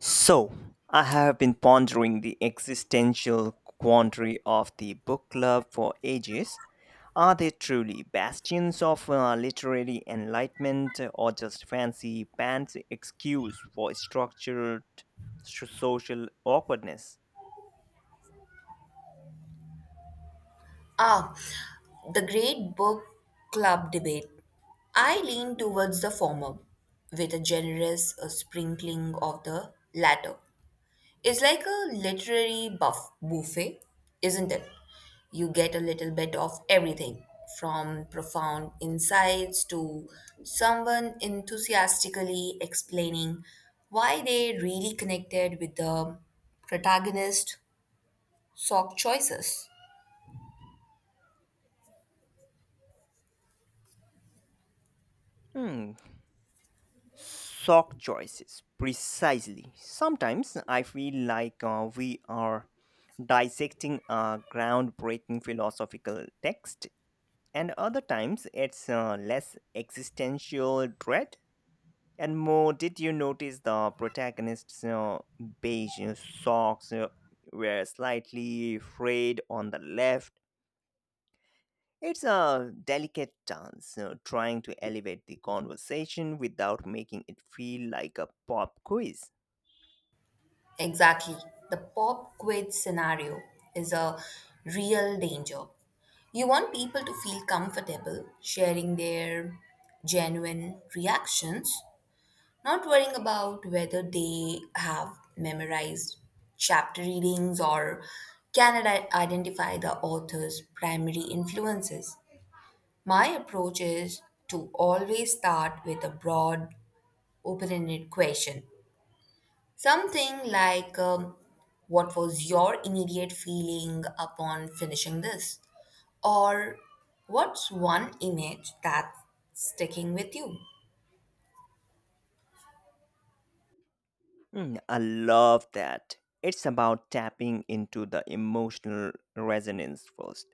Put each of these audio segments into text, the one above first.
So, I have been pondering the existential quandary of the book club for ages. Are they truly bastions of literary enlightenment or just fancy pants excuse for structured social awkwardness? Ah, the great book club debate. I lean towards the former, with a generous sprinkling of the latter. It's like a literary buffet, isn't it? You get a little bit of everything, from profound insights to someone enthusiastically explaining why they really connected with the protagonist's sock choices. Hmm. Sock choices, precisely. Sometimes I feel like we are dissecting a groundbreaking philosophical text, and other times it's less existential dread and more, did you notice the protagonist's beige socks were slightly frayed on the left? It's a delicate dance, trying to elevate the conversation without making it feel like a pop quiz. Exactly. The pop quiz scenario is a real danger. You want people to feel comfortable sharing their genuine reactions, not worrying about whether they have memorized chapter readings or can identify the author's primary influences. My approach is to always start with a broad, open ended question. Something like, what was your immediate feeling upon finishing this? Or what's one image that's sticking with you? Hmm, I love that. It's about tapping into the emotional resonance first.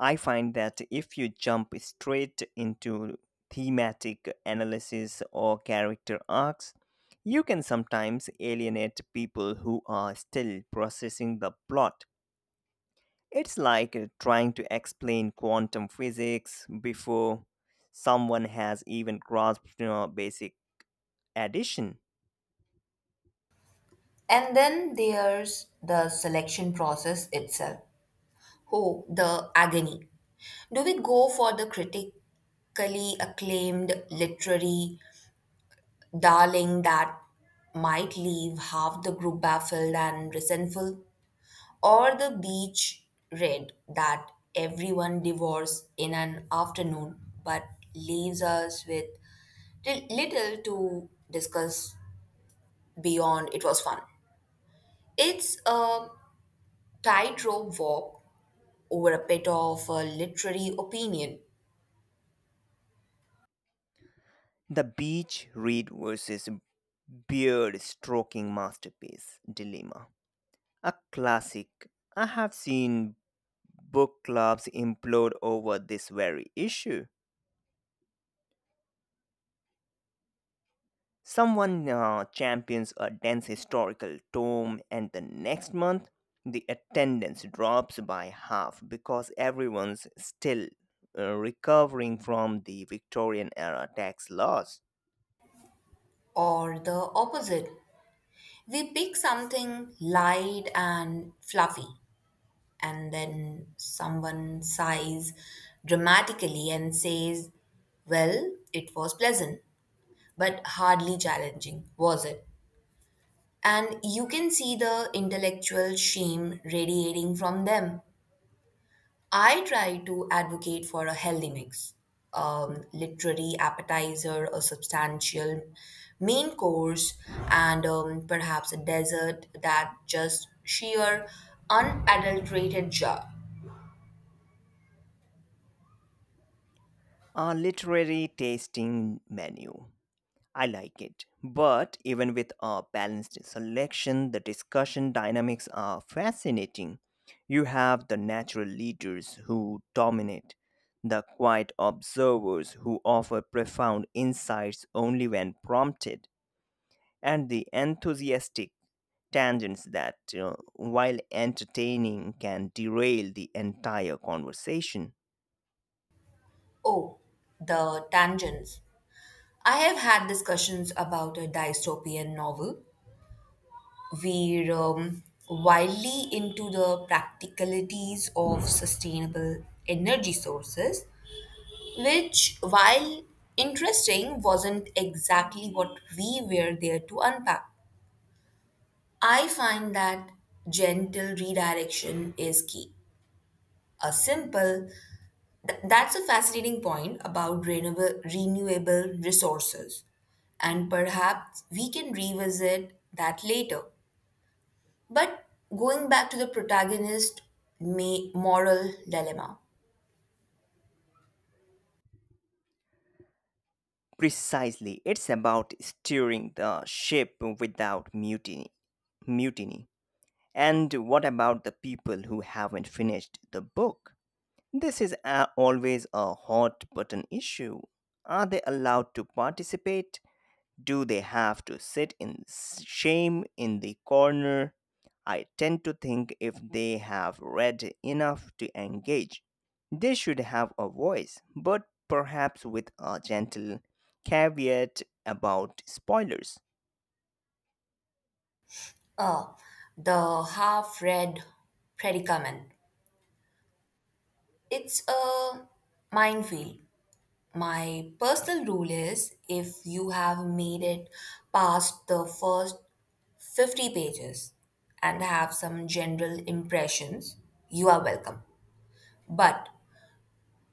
I find that if you jump straight into thematic analysis or character arcs, you can sometimes alienate people who are still processing the plot. It's like trying to explain quantum physics before someone has even grasped, basic addition. And then there's the selection process itself. Oh, the agony. Do we go for the critically acclaimed literary darling that might leave half the group baffled and resentful? Or the beach read that everyone devours in an afternoon but leaves us with little to discuss beyond it was fun. It's a tightrope walk over a pit of a literary opinion. The beach read versus beard stroking masterpiece dilemma. A classic. I have seen book clubs implode over this very issue. Someone champions a dense historical tome, and the next month, the attendance drops by half because everyone's still recovering from the Victorian era tax laws. Or the opposite. We pick something light and fluffy, and then someone sighs dramatically and says, well, it was pleasant, but hardly challenging, was it? And you can see the intellectual shame radiating from them. I try to advocate for a healthy mix: literary appetizer, a substantial main course, and perhaps a dessert that just sheer unadulterated joy. A literary tasting menu. I like it. But even with a balanced selection, the discussion dynamics are fascinating. You have the natural leaders who dominate, the quiet observers who offer profound insights only when prompted, and the enthusiastic tangents that, while entertaining, can derail the entire conversation. Oh, the tangents. I have had discussions about a dystopian novel. We're wildly into the practicalities of sustainable energy sources, which, while interesting, wasn't exactly what we were there to unpack. I find that gentle redirection is key. A simple, that's a fascinating point about renewable resources. And perhaps we can revisit that later. But going back to the protagonist moral dilemma, Precisely, it's about steering the ship without mutiny. And what about the people who haven't finished the book? This is always a hot button issue. Are they allowed to participate? Do they have to sit in shame in the corner? I tend to think if they have read enough to engage, they should have a voice, but perhaps with a gentle caveat about spoilers. uh, the half read predicament, it's a minefield. My personal rule is if you have made it past the first 50 pages and have some general impressions, you are welcome. But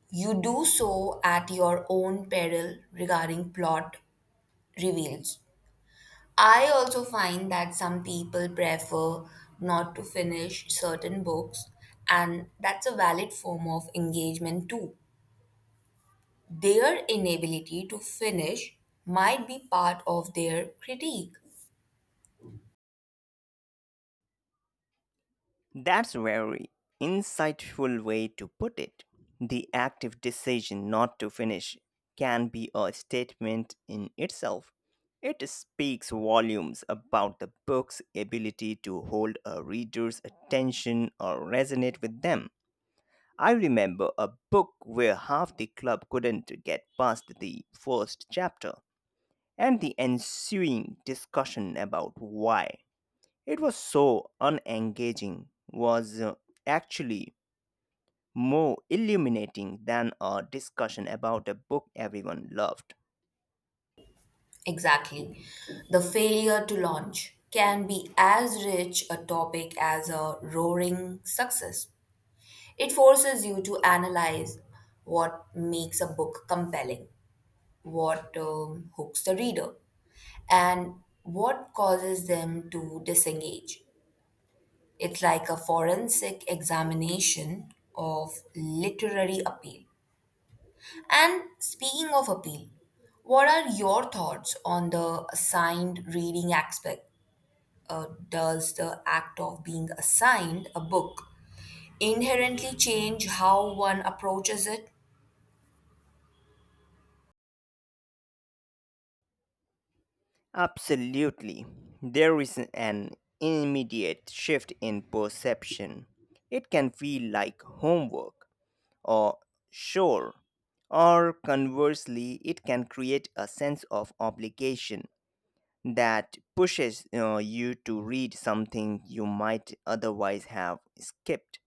you do so at your own peril regarding plot reveals. I also find that some people prefer not to finish certain books, and that's a valid form of engagement too. Their inability to finish might be part of their critique. That's a very insightful way to put it. The active decision not to finish can be a statement in itself. It speaks volumes about the book's ability to hold a reader's attention or resonate with them. I remember a book where half the club couldn't get past the first chapter and the ensuing discussion about why. It was so unengaging, was actually more illuminating than a discussion about a book everyone loved. Exactly. The failure to launch can be as rich a topic as a roaring success. It forces you to analyze what makes a book compelling, what hooks the reader, and what causes them to disengage. It's like a forensic examination of literary appeal. And speaking of appeal, what are your thoughts on the assigned reading aspect? Does the act of being assigned a book inherently change how one approaches it? Absolutely. There is an immediate shift in perception. It can feel like homework or chore, or conversely, it can create a sense of obligation that pushes you to read something you might otherwise have skipped.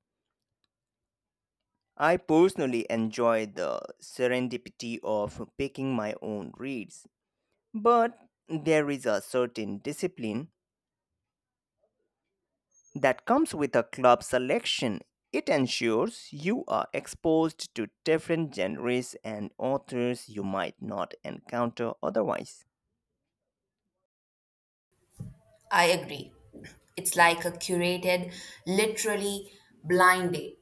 I personally enjoy the serendipity of picking my own reads, but there is a certain discipline that comes with a club selection. It ensures you are exposed to different genres and authors you might not encounter otherwise. I agree. It's like a curated, literally blind date.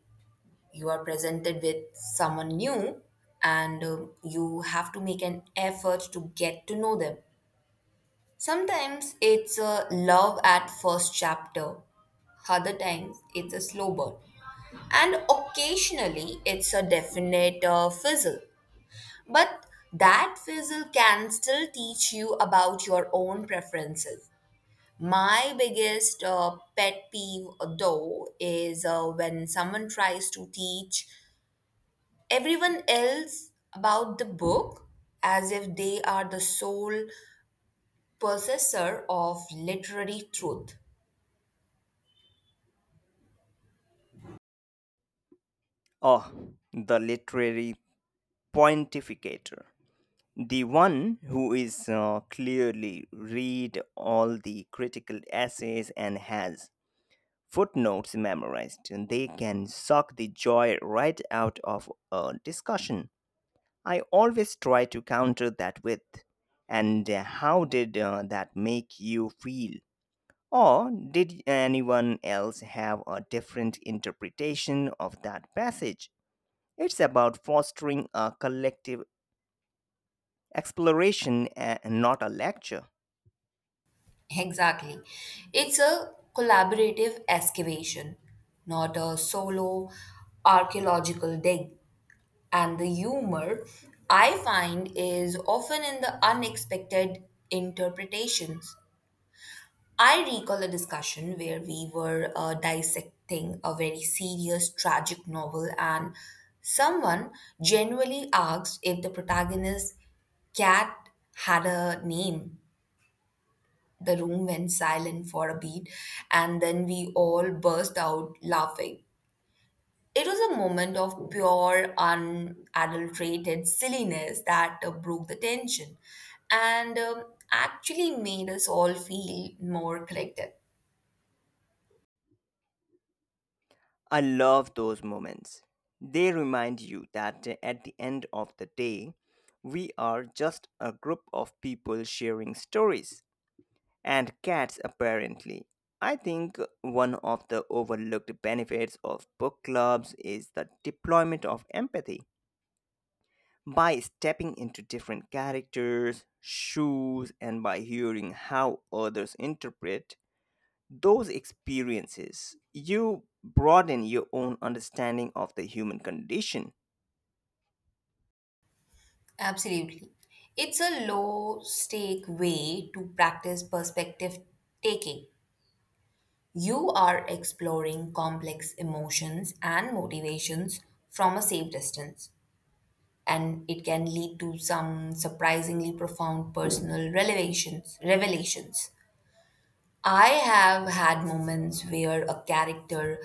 You are presented with someone new and you have to make an effort to get to know them. Sometimes it's a love at first chapter, other times it's a slow burn, and occasionally it's a definite fizzle. But that fizzle can still teach you about your own preferences. My biggest pet peeve, though, is when someone tries to teach everyone else about the book as if they are the sole possessor of literary truth. Oh, the literary pontificator. The one who is clearly read all the critical essays and has footnotes memorized, and they can suck the joy right out of a discussion. I always try to counter that with, and how did that make you feel? Or did anyone else have a different interpretation of that passage? It's about fostering a collective exploration, and not a lecture. Exactly. It's a collaborative excavation, not a solo archaeological dig. And the humor, I find, is often in the unexpected interpretations. I recall a discussion where we were dissecting a very serious tragic novel, and someone genuinely asked if the protagonist's cat had a name. The room went silent for a beat, and then we all burst out laughing. It was a moment of pure, unadulterated silliness that broke the tension and actually made us all feel more connected. I love those moments. They remind you that at the end of the day, we are just a group of people sharing stories. And cats, apparently. I think one of the overlooked benefits of book clubs is the deployment of empathy, by stepping into different characters' shoes, and by hearing how others interpret those experiences, you broaden your own understanding of the human condition. Absolutely. It's a low stake way to practice perspective taking. You are exploring complex emotions and motivations from a safe distance, and it can lead to some surprisingly profound personal revelations. I have had moments where a character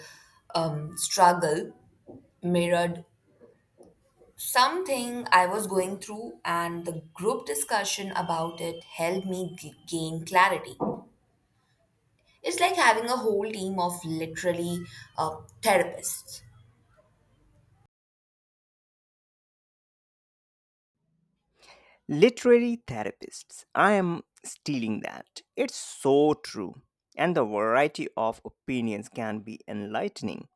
struggle mirrored something I was going through, and the group discussion about it helped me gain clarity. It's like having a whole team of literally therapists. Literary therapists, I am stealing that. It's so true. And the variety of opinions can be enlightening.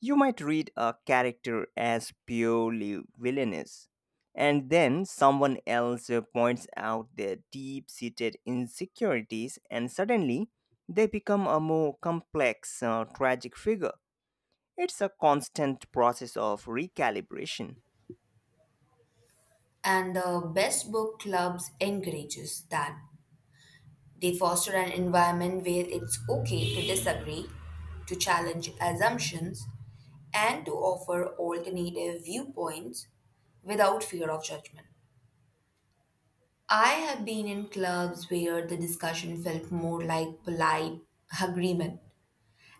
You might read a character as purely villainous, and then someone else points out their deep seated insecurities, and suddenly they become a more complex, tragic figure. It's a constant process of recalibration. And the best book clubs encourages that. They foster an environment where it's okay to disagree, to challenge assumptions, and to offer alternative viewpoints without fear of judgment. I have been in clubs where the discussion felt more like polite agreement,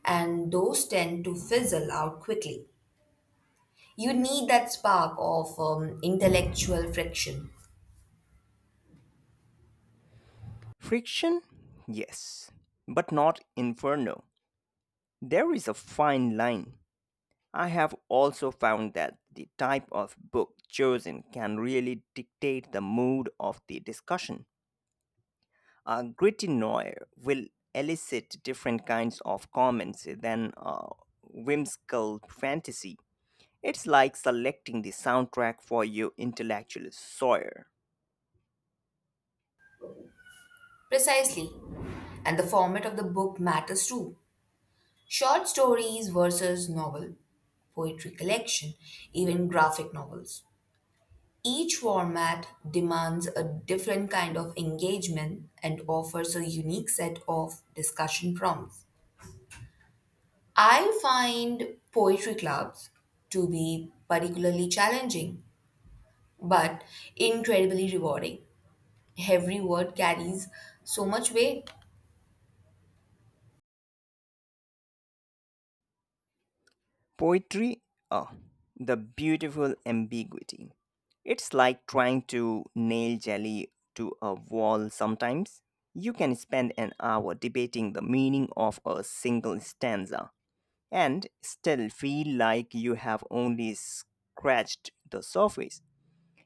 and those tend to fizzle out quickly. You need that spark of intellectual friction. Friction? Yes, but not inferno. There is a fine line. I have also found that the type of book chosen can really dictate the mood of the discussion. A gritty noir will elicit different kinds of comments than a whimsical fantasy. It's like selecting the soundtrack for your intellectual soil. Precisely. And the format of the book matters too. Short stories versus novel, poetry collection, even graphic novels. Each format demands a different kind of engagement and offers a unique set of discussion prompts. I find poetry clubs to be particularly challenging, but incredibly rewarding. Every word carries so much weight, Poetry, oh, the beautiful ambiguity. It's like trying to nail jelly to a wall sometimes. You can spend an hour debating the meaning of a single stanza and still feel like you have only scratched the surface.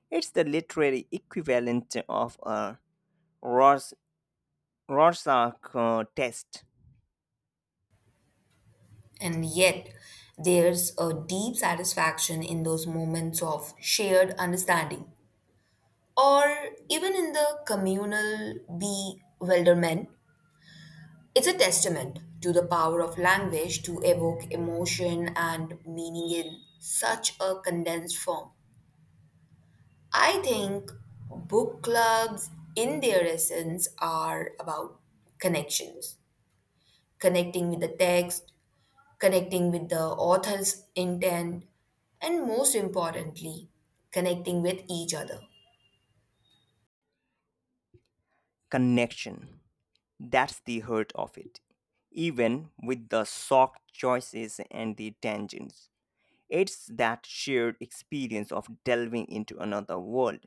It's the literary equivalent of a Rors- Rorschach test. and yet there's a deep satisfaction in those moments of shared understanding, or even in the communal bewilderment. It's a testament to the power of language to evoke emotion and meaning in such a condensed form. I think book clubs, in their essence, are about connections: connecting with the text, connecting with the author's intent, and most importantly, connecting with each other. Connection. That's the hurt of it. Even with the soft choices and the tangents, it's that shared experience of delving into another world,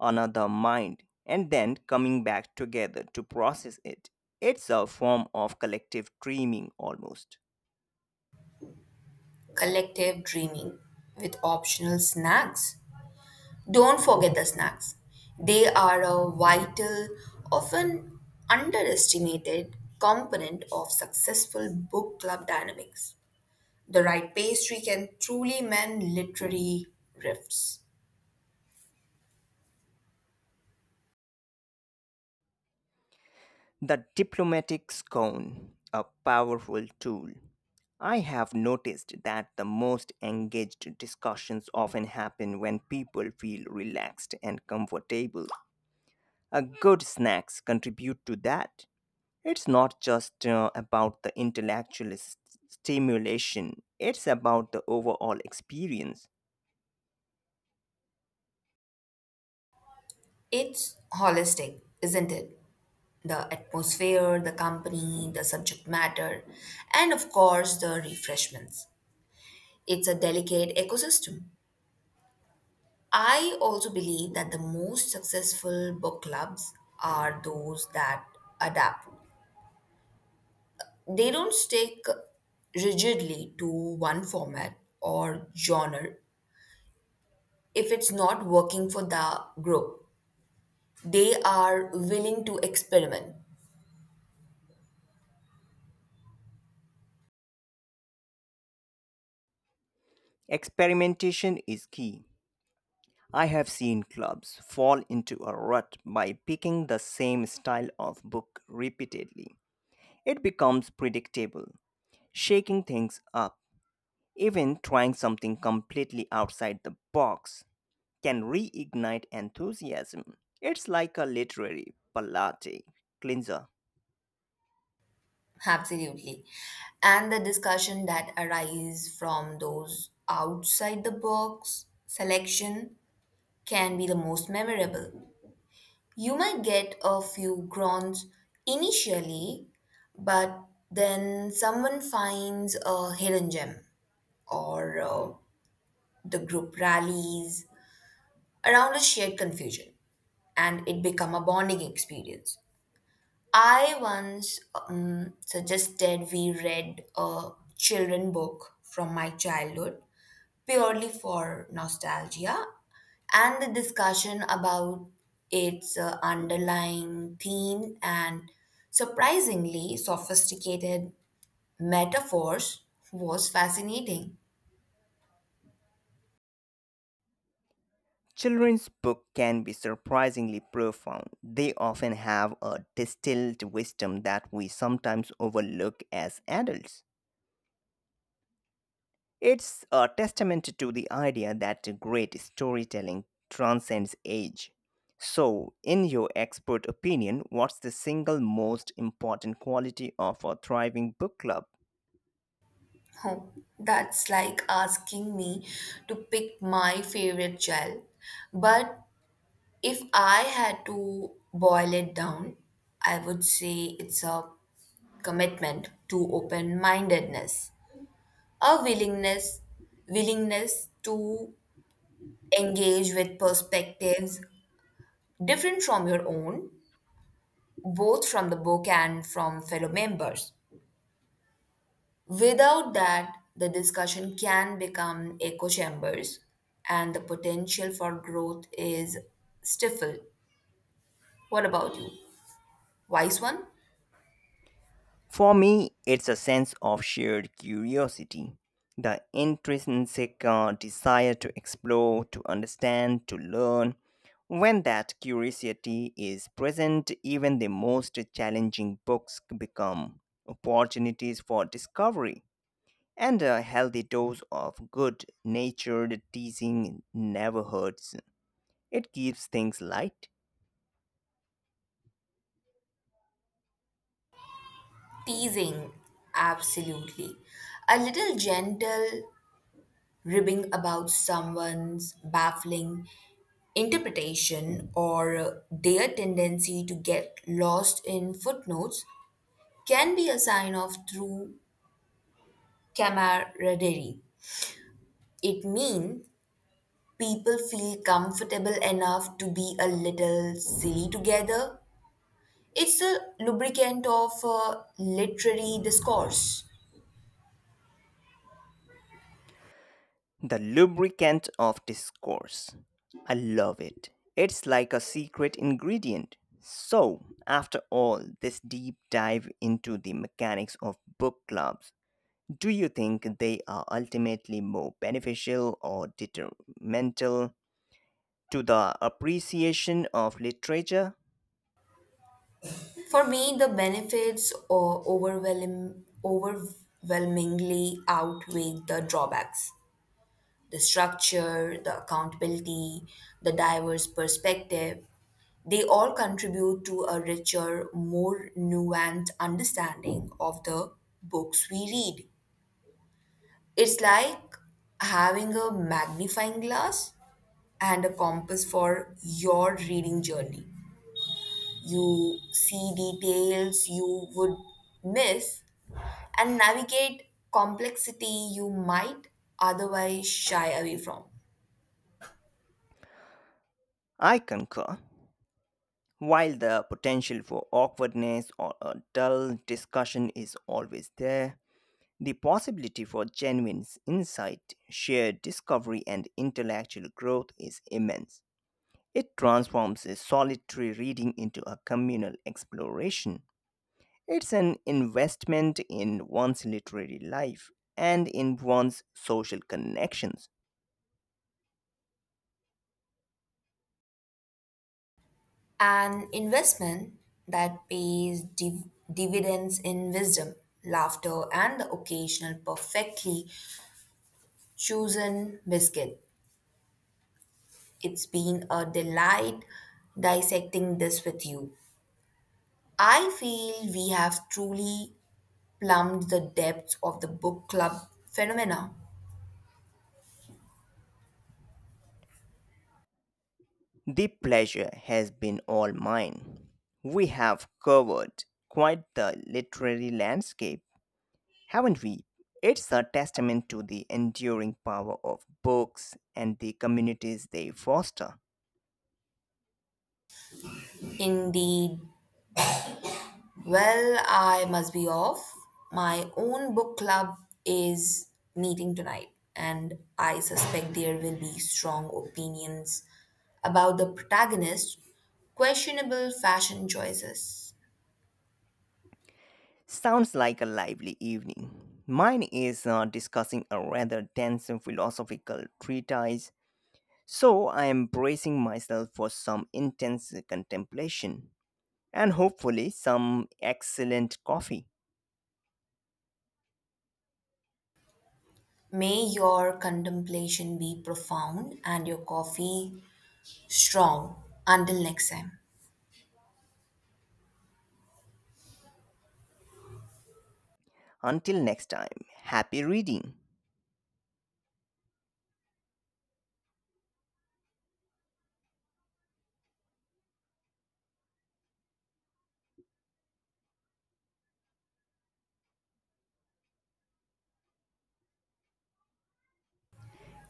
another mind, and then coming back together to process it. It's a form of collective dreaming, almost. Collective dreaming with optional snacks. Don't forget the snacks. They are a vital, often underestimated component of successful book club dynamics. The right pastry can truly mend literary rifts. The diplomatic scone, a powerful tool. I have noticed that the most engaged discussions often happen when people feel relaxed and comfortable. A good snacks contribute to that. It's not just about the intellectual stimulation, it's about the overall experience. It's holistic, isn't it? The atmosphere, the company, the subject matter, and of course the refreshments. It's a delicate ecosystem. I also believe that the most successful book clubs are those that adapt. They don't stick rigidly to one format or genre if it's not working for the group. They are willing to experiment. Experimentation is key. I have seen clubs fall into a rut by picking the same style of book repeatedly. It becomes predictable, shaking things up, even trying something completely outside the box can reignite enthusiasm. It's like a literary palate cleanser. Absolutely. And the discussion that arises from those outside the box selection can be the most memorable. You might get a few groans initially, but then someone finds a hidden gem or the group rallies around a shared confusion and it become a bonding experience. I once suggested we read a children book from my childhood purely for nostalgia, and the discussion about its underlying theme and surprisingly sophisticated metaphors was fascinating. Children's books can be surprisingly profound. They often have a distilled wisdom that we sometimes overlook as adults. It's a testament to the idea that great storytelling transcends age. So, in your expert opinion, what's the single most important quality of a thriving book club? Oh, that's like asking me to pick my favorite child, but if I had to boil it down, I would say it's a commitment to open-mindedness, a willingness to engage with perspectives different from your own, both from the book and from fellow members. Without that, the discussion can become echo chambers and the potential for growth is stifled. What about you? Wise one? For me, it's a sense of shared curiosity, the intrinsic desire to explore, to understand, to learn. When that curiosity is present, even the most challenging books become opportunities for discovery, and a healthy dose of good natured teasing never hurts. It keeps things light. Teasing, absolutely. A little gentle ribbing about someone's baffling interpretation or their tendency to get lost in footnotes can be a sign of true camaraderie. It means people feel comfortable enough to be a little silly together. It's a lubricant of literary discourse. The lubricant of discourse. I love it. It's like a secret ingredient. So, after all this deep dive into the mechanics of book clubs, do you think they are ultimately more beneficial or detrimental to the appreciation of literature? For me, the benefits overwhelmingly outweigh the drawbacks. The structure, the accountability, the diverse perspective, they all contribute to a richer, more nuanced understanding of the books we read. It's like having a magnifying glass and a compass for your reading journey. You see details you would miss and navigate complexity you might otherwise shy away from. I concur. While the potential for awkwardness or a dull discussion is always there, the possibility for genuine insight, shared discovery, and intellectual growth is immense. It transforms a solitary reading into a communal exploration. It's an investment in one's literary life and in one's social connections. An investment that pays dividends in wisdom, laughter, and the occasional perfectly chosen biscuit. It's been a delight dissecting this with you. I feel we have truly plumbed the depths of the book club phenomena. The pleasure has been all mine. We have covered quite the literary landscape, haven't we? It's a testament to the enduring power of books and the communities they foster. Indeed. Well, I must be off. My own book club is meeting tonight, and I suspect there will be strong opinions about the protagonist's questionable fashion choices. Sounds like a lively evening. Mine is discussing a rather dense and philosophical treatise, so I am bracing myself for some intense contemplation and hopefully some excellent coffee. May your contemplation be profound and your coffee strong. Until next time. Until next time, happy reading!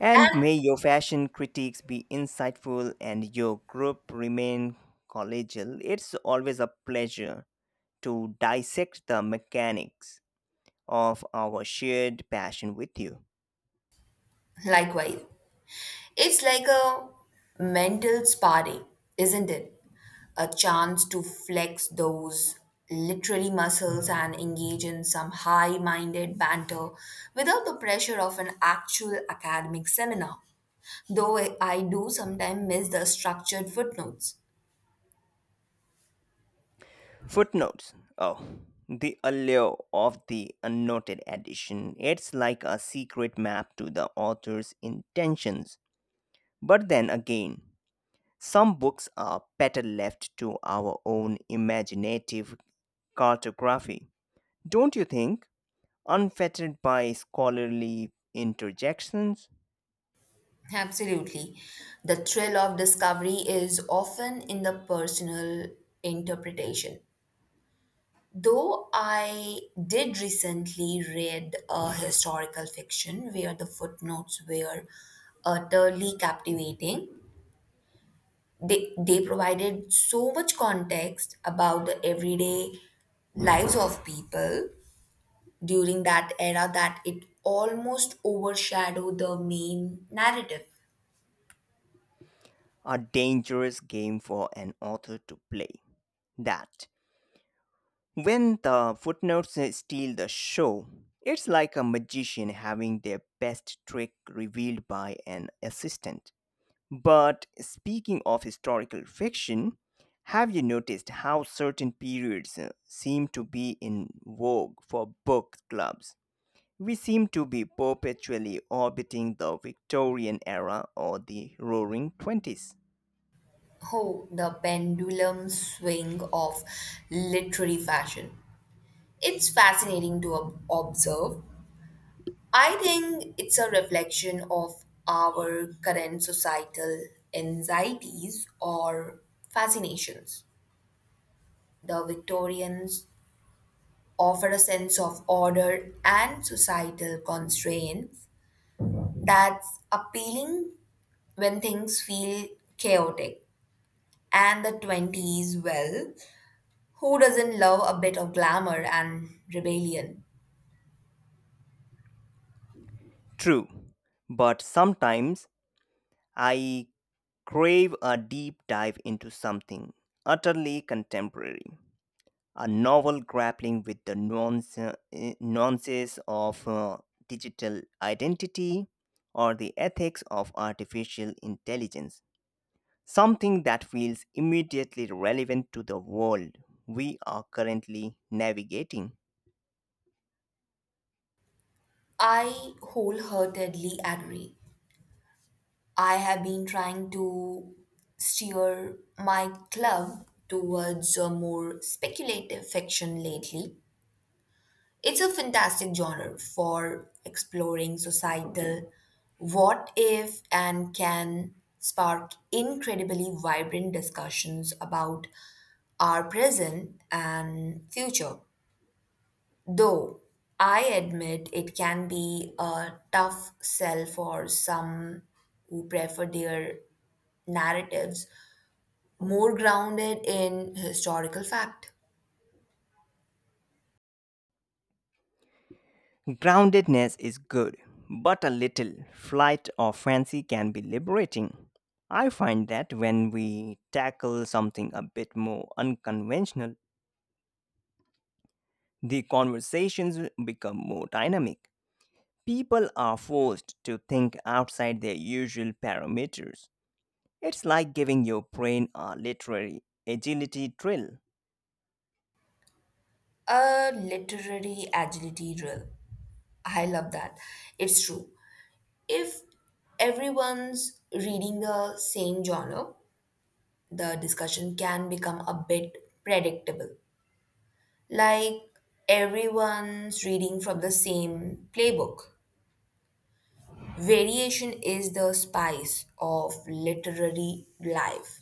And may your fashion critiques be insightful and your group remain collegial. It's always a pleasure to dissect the mechanics of our shared passion with you. Likewise. It's like a mental spa day, isn't it? A chance to flex those literally muscles and engage in some high minded banter without the pressure of an actual academic seminar. Though I do sometimes miss the structured footnotes. Footnotes. Oh, the allure of the unnoted edition. It's like a secret map to the author's intentions. But then again, some books are better left to our own imaginative cartography. Don't you think? Unfettered by scholarly interjections, Absolutely. The thrill of discovery is often in the personal interpretation. Though I did recently read a historical fiction where the footnotes were utterly captivating, they provided so much context about the everyday lives of people during that era that it almost overshadowed the main narrative. a dangerous game for an author to play. That, when the footnotes steal the show, it's like a magician having their best trick revealed by an assistant. But speaking of historical fiction, have you noticed how certain periods seem to be in vogue for book clubs? We seem to be perpetually orbiting the Victorian era or the roaring 20s. Oh, the pendulum swing of literary fashion. It's fascinating to observe. I think it's a reflection of our current societal anxieties or fascinations. The Victorians offer a sense of order and societal constraints that's appealing when things feel chaotic. And the 20s, well, who doesn't love a bit of glamour and rebellion? True, but sometimes I crave a deep dive into something utterly contemporary, a novel grappling with the nuances of digital identity or the ethics of artificial intelligence. Something that feels immediately relevant to the world we are currently navigating. I wholeheartedly agree. I have been trying to steer my club towards a more speculative fiction lately. It's a fantastic genre for exploring societal what if, and can spark incredibly vibrant discussions about our present and future. Though I admit it can be a tough sell for some who prefer their narratives more grounded in historical fact. Groundedness is good, but a little flight or fancy can be liberating. I find that when we tackle something a bit more unconventional, the conversations become more dynamic. People are forced to think outside their usual parameters. It's like giving your brain a literary agility drill. A literary agility drill. I love that. It's true. If everyone's reading the same genre, the discussion can become a bit predictable. Like everyone's reading from the same playbook. Variation is the spice of literary life,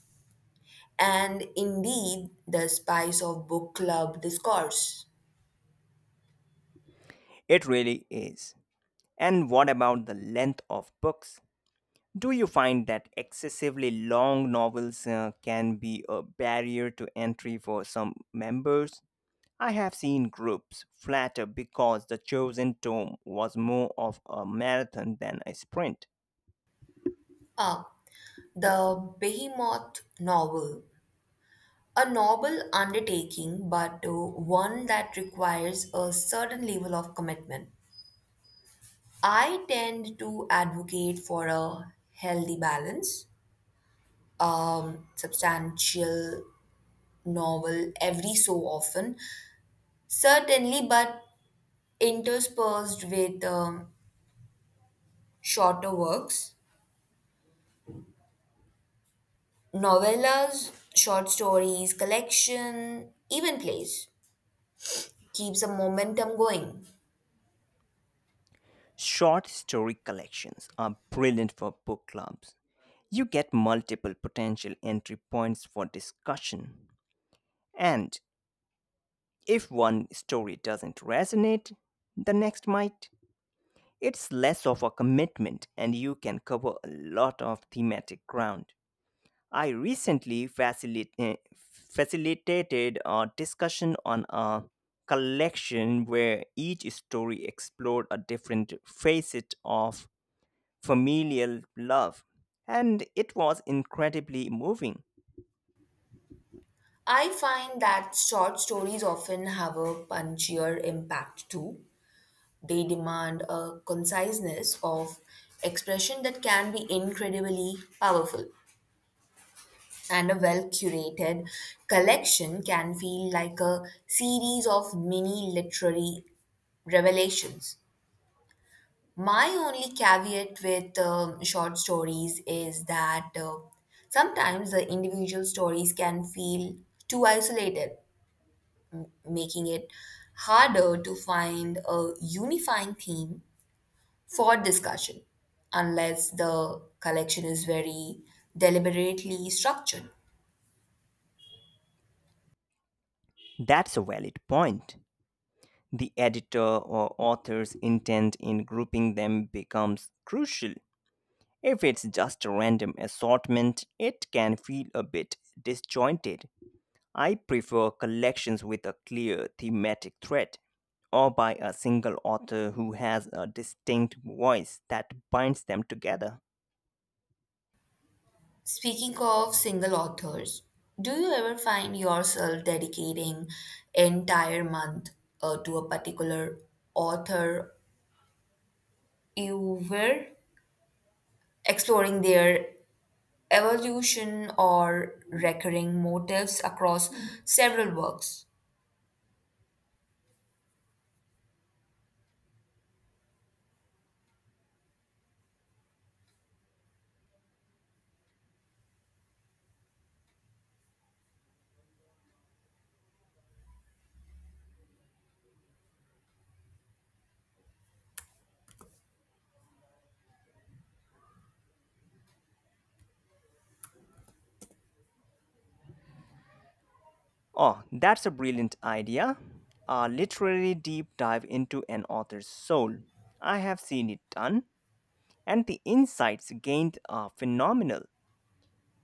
and indeed the spice of book club discourse. It really is. And what about the length of books? Do you find that excessively long novels can be a barrier to entry for some members? I have seen groups flatter because the chosen tome was more of a marathon than a sprint. Ah, the Behemoth novel, a noble undertaking, but one that requires a certain level of commitment. I tend to advocate for a healthy balance, substantial novel every so often, certainly, but interspersed with shorter works, novellas, short stories, collection, even plays. Keeps the momentum going. Short story collections are brilliant for book clubs. You get multiple potential entry points for discussion. And if one story doesn't resonate, the next might. It's less of a commitment and you can cover a lot of thematic ground. I recently facilitated a discussion on a collection where each story explored a different facet of familial love, and it was incredibly moving. I find that short stories often have a punchier impact too. They demand a conciseness of expression that can be incredibly powerful, and a well curated collection can feel like a series of mini literary revelations. My only caveat with short stories is that sometimes the individual stories can feel too isolated, making it harder to find a unifying theme for discussion unless the collection is very deliberately structured. That's a valid point. The editor or author's intent in grouping them becomes crucial. If it's just a random assortment, it can feel a bit disjointed. I prefer collections with a clear thematic thread or by a single author who has a distinct voice that binds them together. Speaking of single authors, do you ever find yourself dedicating entire month to a particular author you were exploring their evolution or recurring motifs across several works? Oh, that's a brilliant idea. A literary deep dive into an author's soul. I have seen it done, and the insights gained are phenomenal.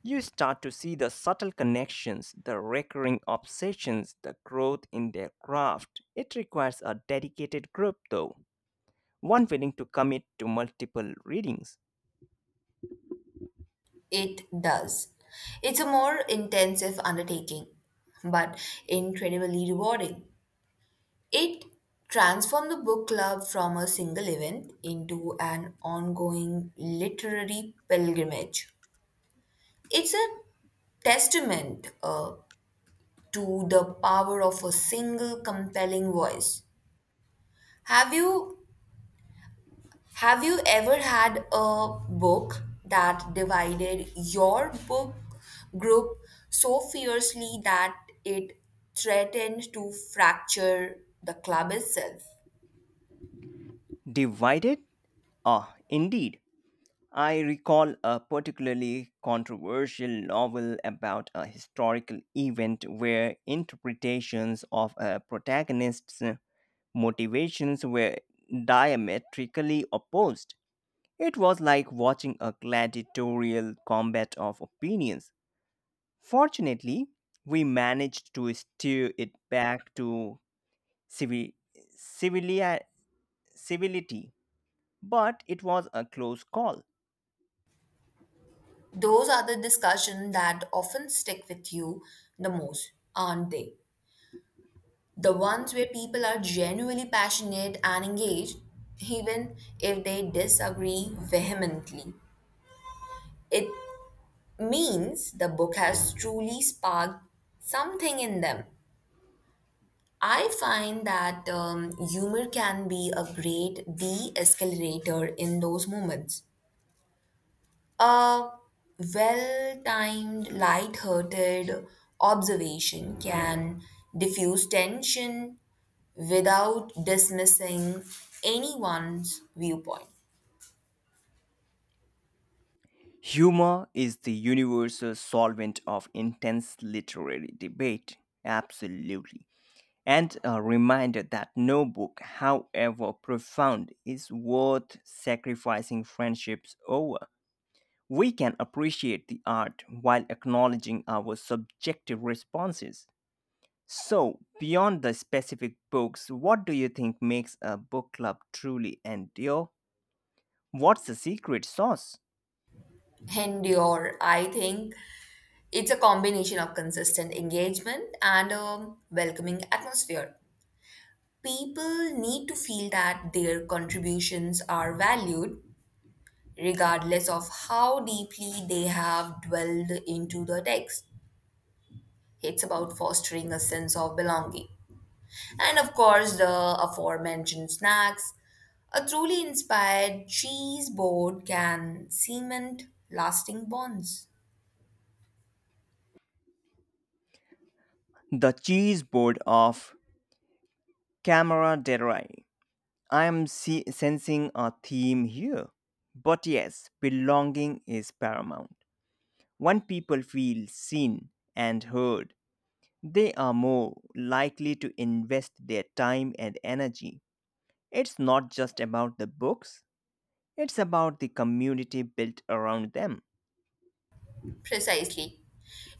You start to see the subtle connections, the recurring obsessions, the growth in their craft. It requires a dedicated group, though, one willing to commit to multiple readings. It does. It's a more intensive undertaking, but incredibly rewarding. It transformed the book club from a single event into an ongoing literary pilgrimage. It's a testament to the power of a single compelling voice. Have you Have you ever had a book that divided your book group so fiercely that it threatened to fracture the club itself? Divided? Ah, indeed. I recall a particularly controversial novel about a historical event where interpretations of a protagonist's motivations were diametrically opposed. It was like watching a gladiatorial combat of opinions. Fortunately, we managed to steer it back to civi- civilia- civility, but it was a close call. Those are the discussions that often stick with you the most, aren't they? The ones where people are genuinely passionate and engaged, even if they disagree vehemently. It means the book has truly sparked something in them. I find that humor can be a great de escalator in those moments. A well timed, light-hearted observation can diffuse tension without dismissing anyone's viewpoint. Humor is the universal solvent of intense literary debate, absolutely, and a reminder that no book, however profound, is worth sacrificing friendships over. We can appreciate the art while acknowledging our subjective responses. So, beyond the specific books, what do you think makes a book club truly endure? What's the secret sauce? And your, I think it's a combination of consistent engagement and a welcoming atmosphere. People need to feel that their contributions are valued regardless of how deeply they have dwelled into the text. It's about fostering a sense of belonging. And of course, the aforementioned snacks. A truly inspired cheese board can cement lasting bonds. The cheese board of Camera Derai. I am sensing a theme here. But yes, belonging is paramount. When people feel seen and heard, they are more likely to invest their time and energy. It's not just about the books, it's about the community built around them. Precisely.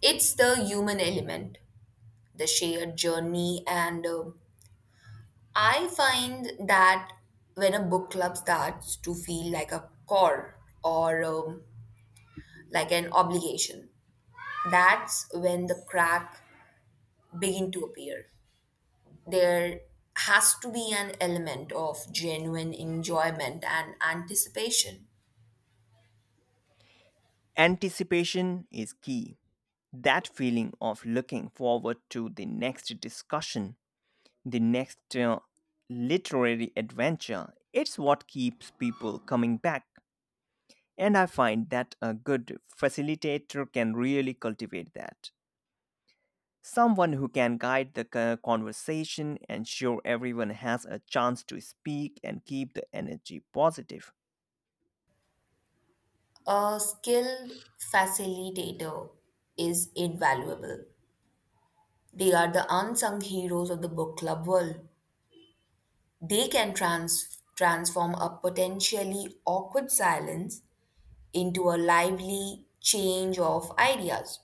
It's the human element, the shared journey, and I find that when a book club starts to feel like a chore or like an obligation, that's when the crack begin to appear. There has to be an element of genuine enjoyment and anticipation. Anticipation is key. That feeling of looking forward to the next discussion, the next literary adventure, it's what keeps people coming back. And I find that a good facilitator can really cultivate that. Someone who can guide the conversation, ensure everyone has a chance to speak, and keep the energy positive. A skilled facilitator is invaluable. They are the unsung heroes of the book club world. They can transform a potentially awkward silence into a lively change of ideas.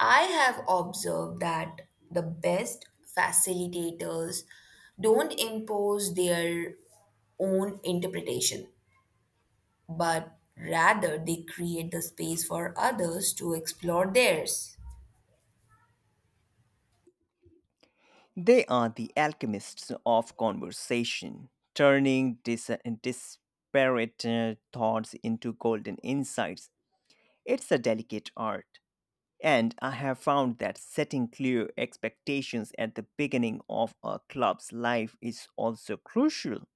I have observed that the best facilitators don't impose their own interpretation, but rather they create the space for others to explore theirs. They are the alchemists of conversation, turning disparate thoughts into golden insights. It's a delicate art, and I have found that setting clear expectations at the beginning of a club's life is also crucial.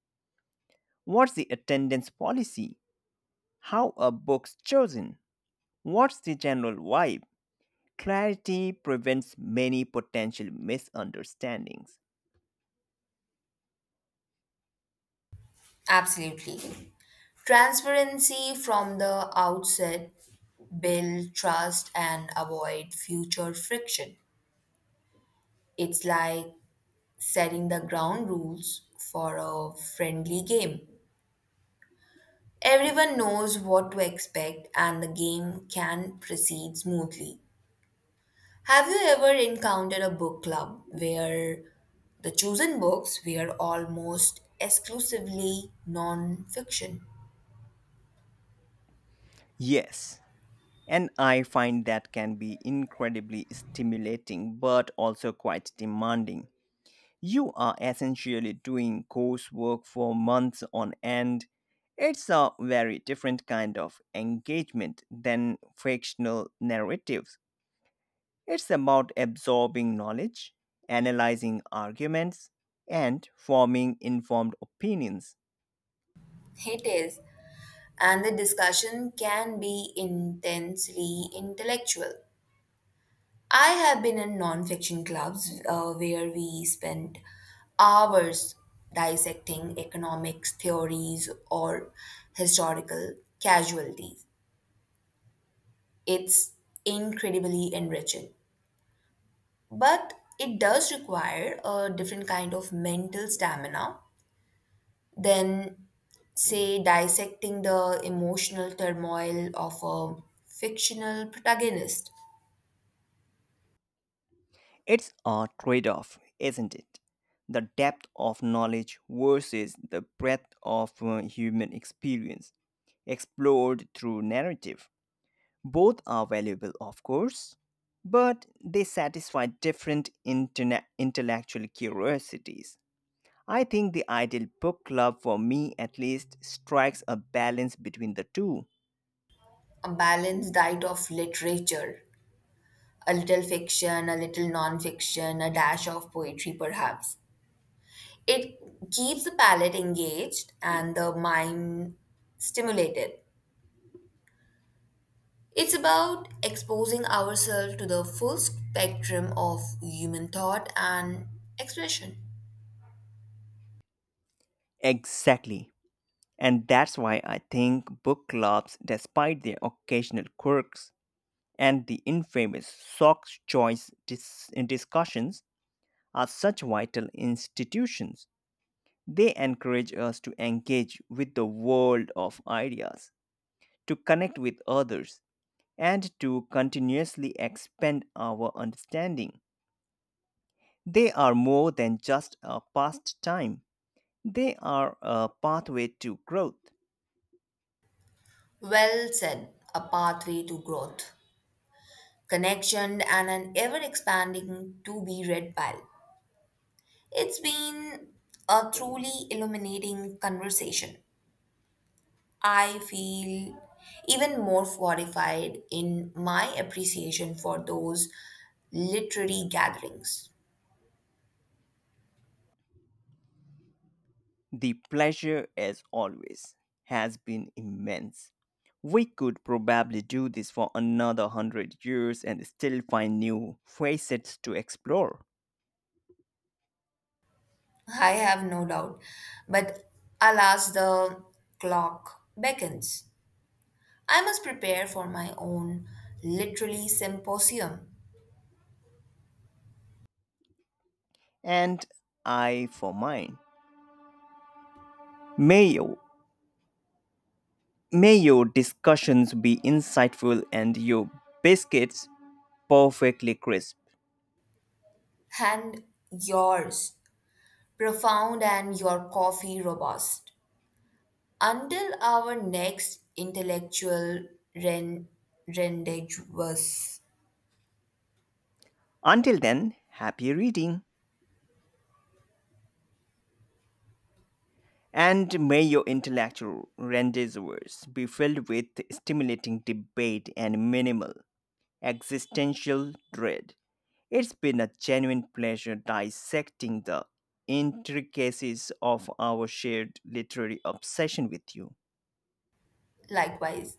What's the attendance policy? How are books chosen? What's the general vibe? Clarity prevents many potential misunderstandings. Absolutely. Transparency from the outset build trust and avoid future friction. It's like setting the ground rules for a friendly game. Everyone knows what to expect and the game can proceed smoothly. Have you ever encountered a book club where the chosen books were almost exclusively non fiction? Yes, and I find that can be incredibly stimulating but also quite demanding. You are essentially doing coursework for months on end. It's a very different kind of engagement than fictional narratives. It's about absorbing knowledge, analyzing arguments, and forming informed opinions. It is, and the discussion can be intensely intellectual. I have been in non-fiction clubs where we spent hours dissecting economics theories or historical casualties. It's incredibly enriching, but it does require a different kind of mental stamina than, say, dissecting the emotional turmoil of a fictional protagonist. It's a trade off, isn't it? The depth of knowledge versus the breadth of human experience explored through narrative. Both are valuable, of course, but they satisfy different intellectual curiosities. I think the ideal book club, for me at least, strikes a balance between the two. A balanced diet of literature, a little fiction, a little non-fiction, a dash of poetry, perhaps. It keeps the palate engaged and the mind stimulated. It's about exposing ourselves to the full spectrum of human thought and expression. Exactly. And that's why I think book clubs, despite their occasional quirks and the infamous Sock's Choice discussions, are such vital institutions. They encourage us to engage with the world of ideas, to connect with others, and to continuously expand our understanding. They are more than just a pastime, they are a pathway to growth. Well said, a pathway to growth, connection, and an ever expanding to be read pile. It's been a truly illuminating conversation. I feel even more fortified in my appreciation for those literary gatherings. The pleasure, as always, has been immense. We could probably do this for another 100 years and still find new facets to explore. I have no doubt. But alas, the clock beckons. I must prepare for my own literary symposium. And I, for mine, may your, may your discussions be insightful and your biscuits perfectly crisp. And yours, profound and your coffee robust. Until our next intellectual ren- rendezvous. Until then, happy reading. And may your intellectual rendezvous be filled with stimulating debate and minimal existential dread. It's been a genuine pleasure dissecting the intricacies of our shared literary obsession with you. Likewise,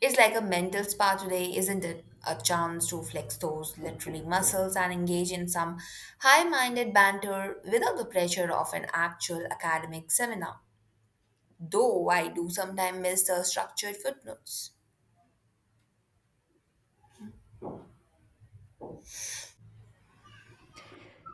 it's like a mental spa today, isn't it? A chance to flex those literally muscles and engage in some high minded banter without the pressure of an actual academic seminar. Though I do sometimes miss the structured footnotes.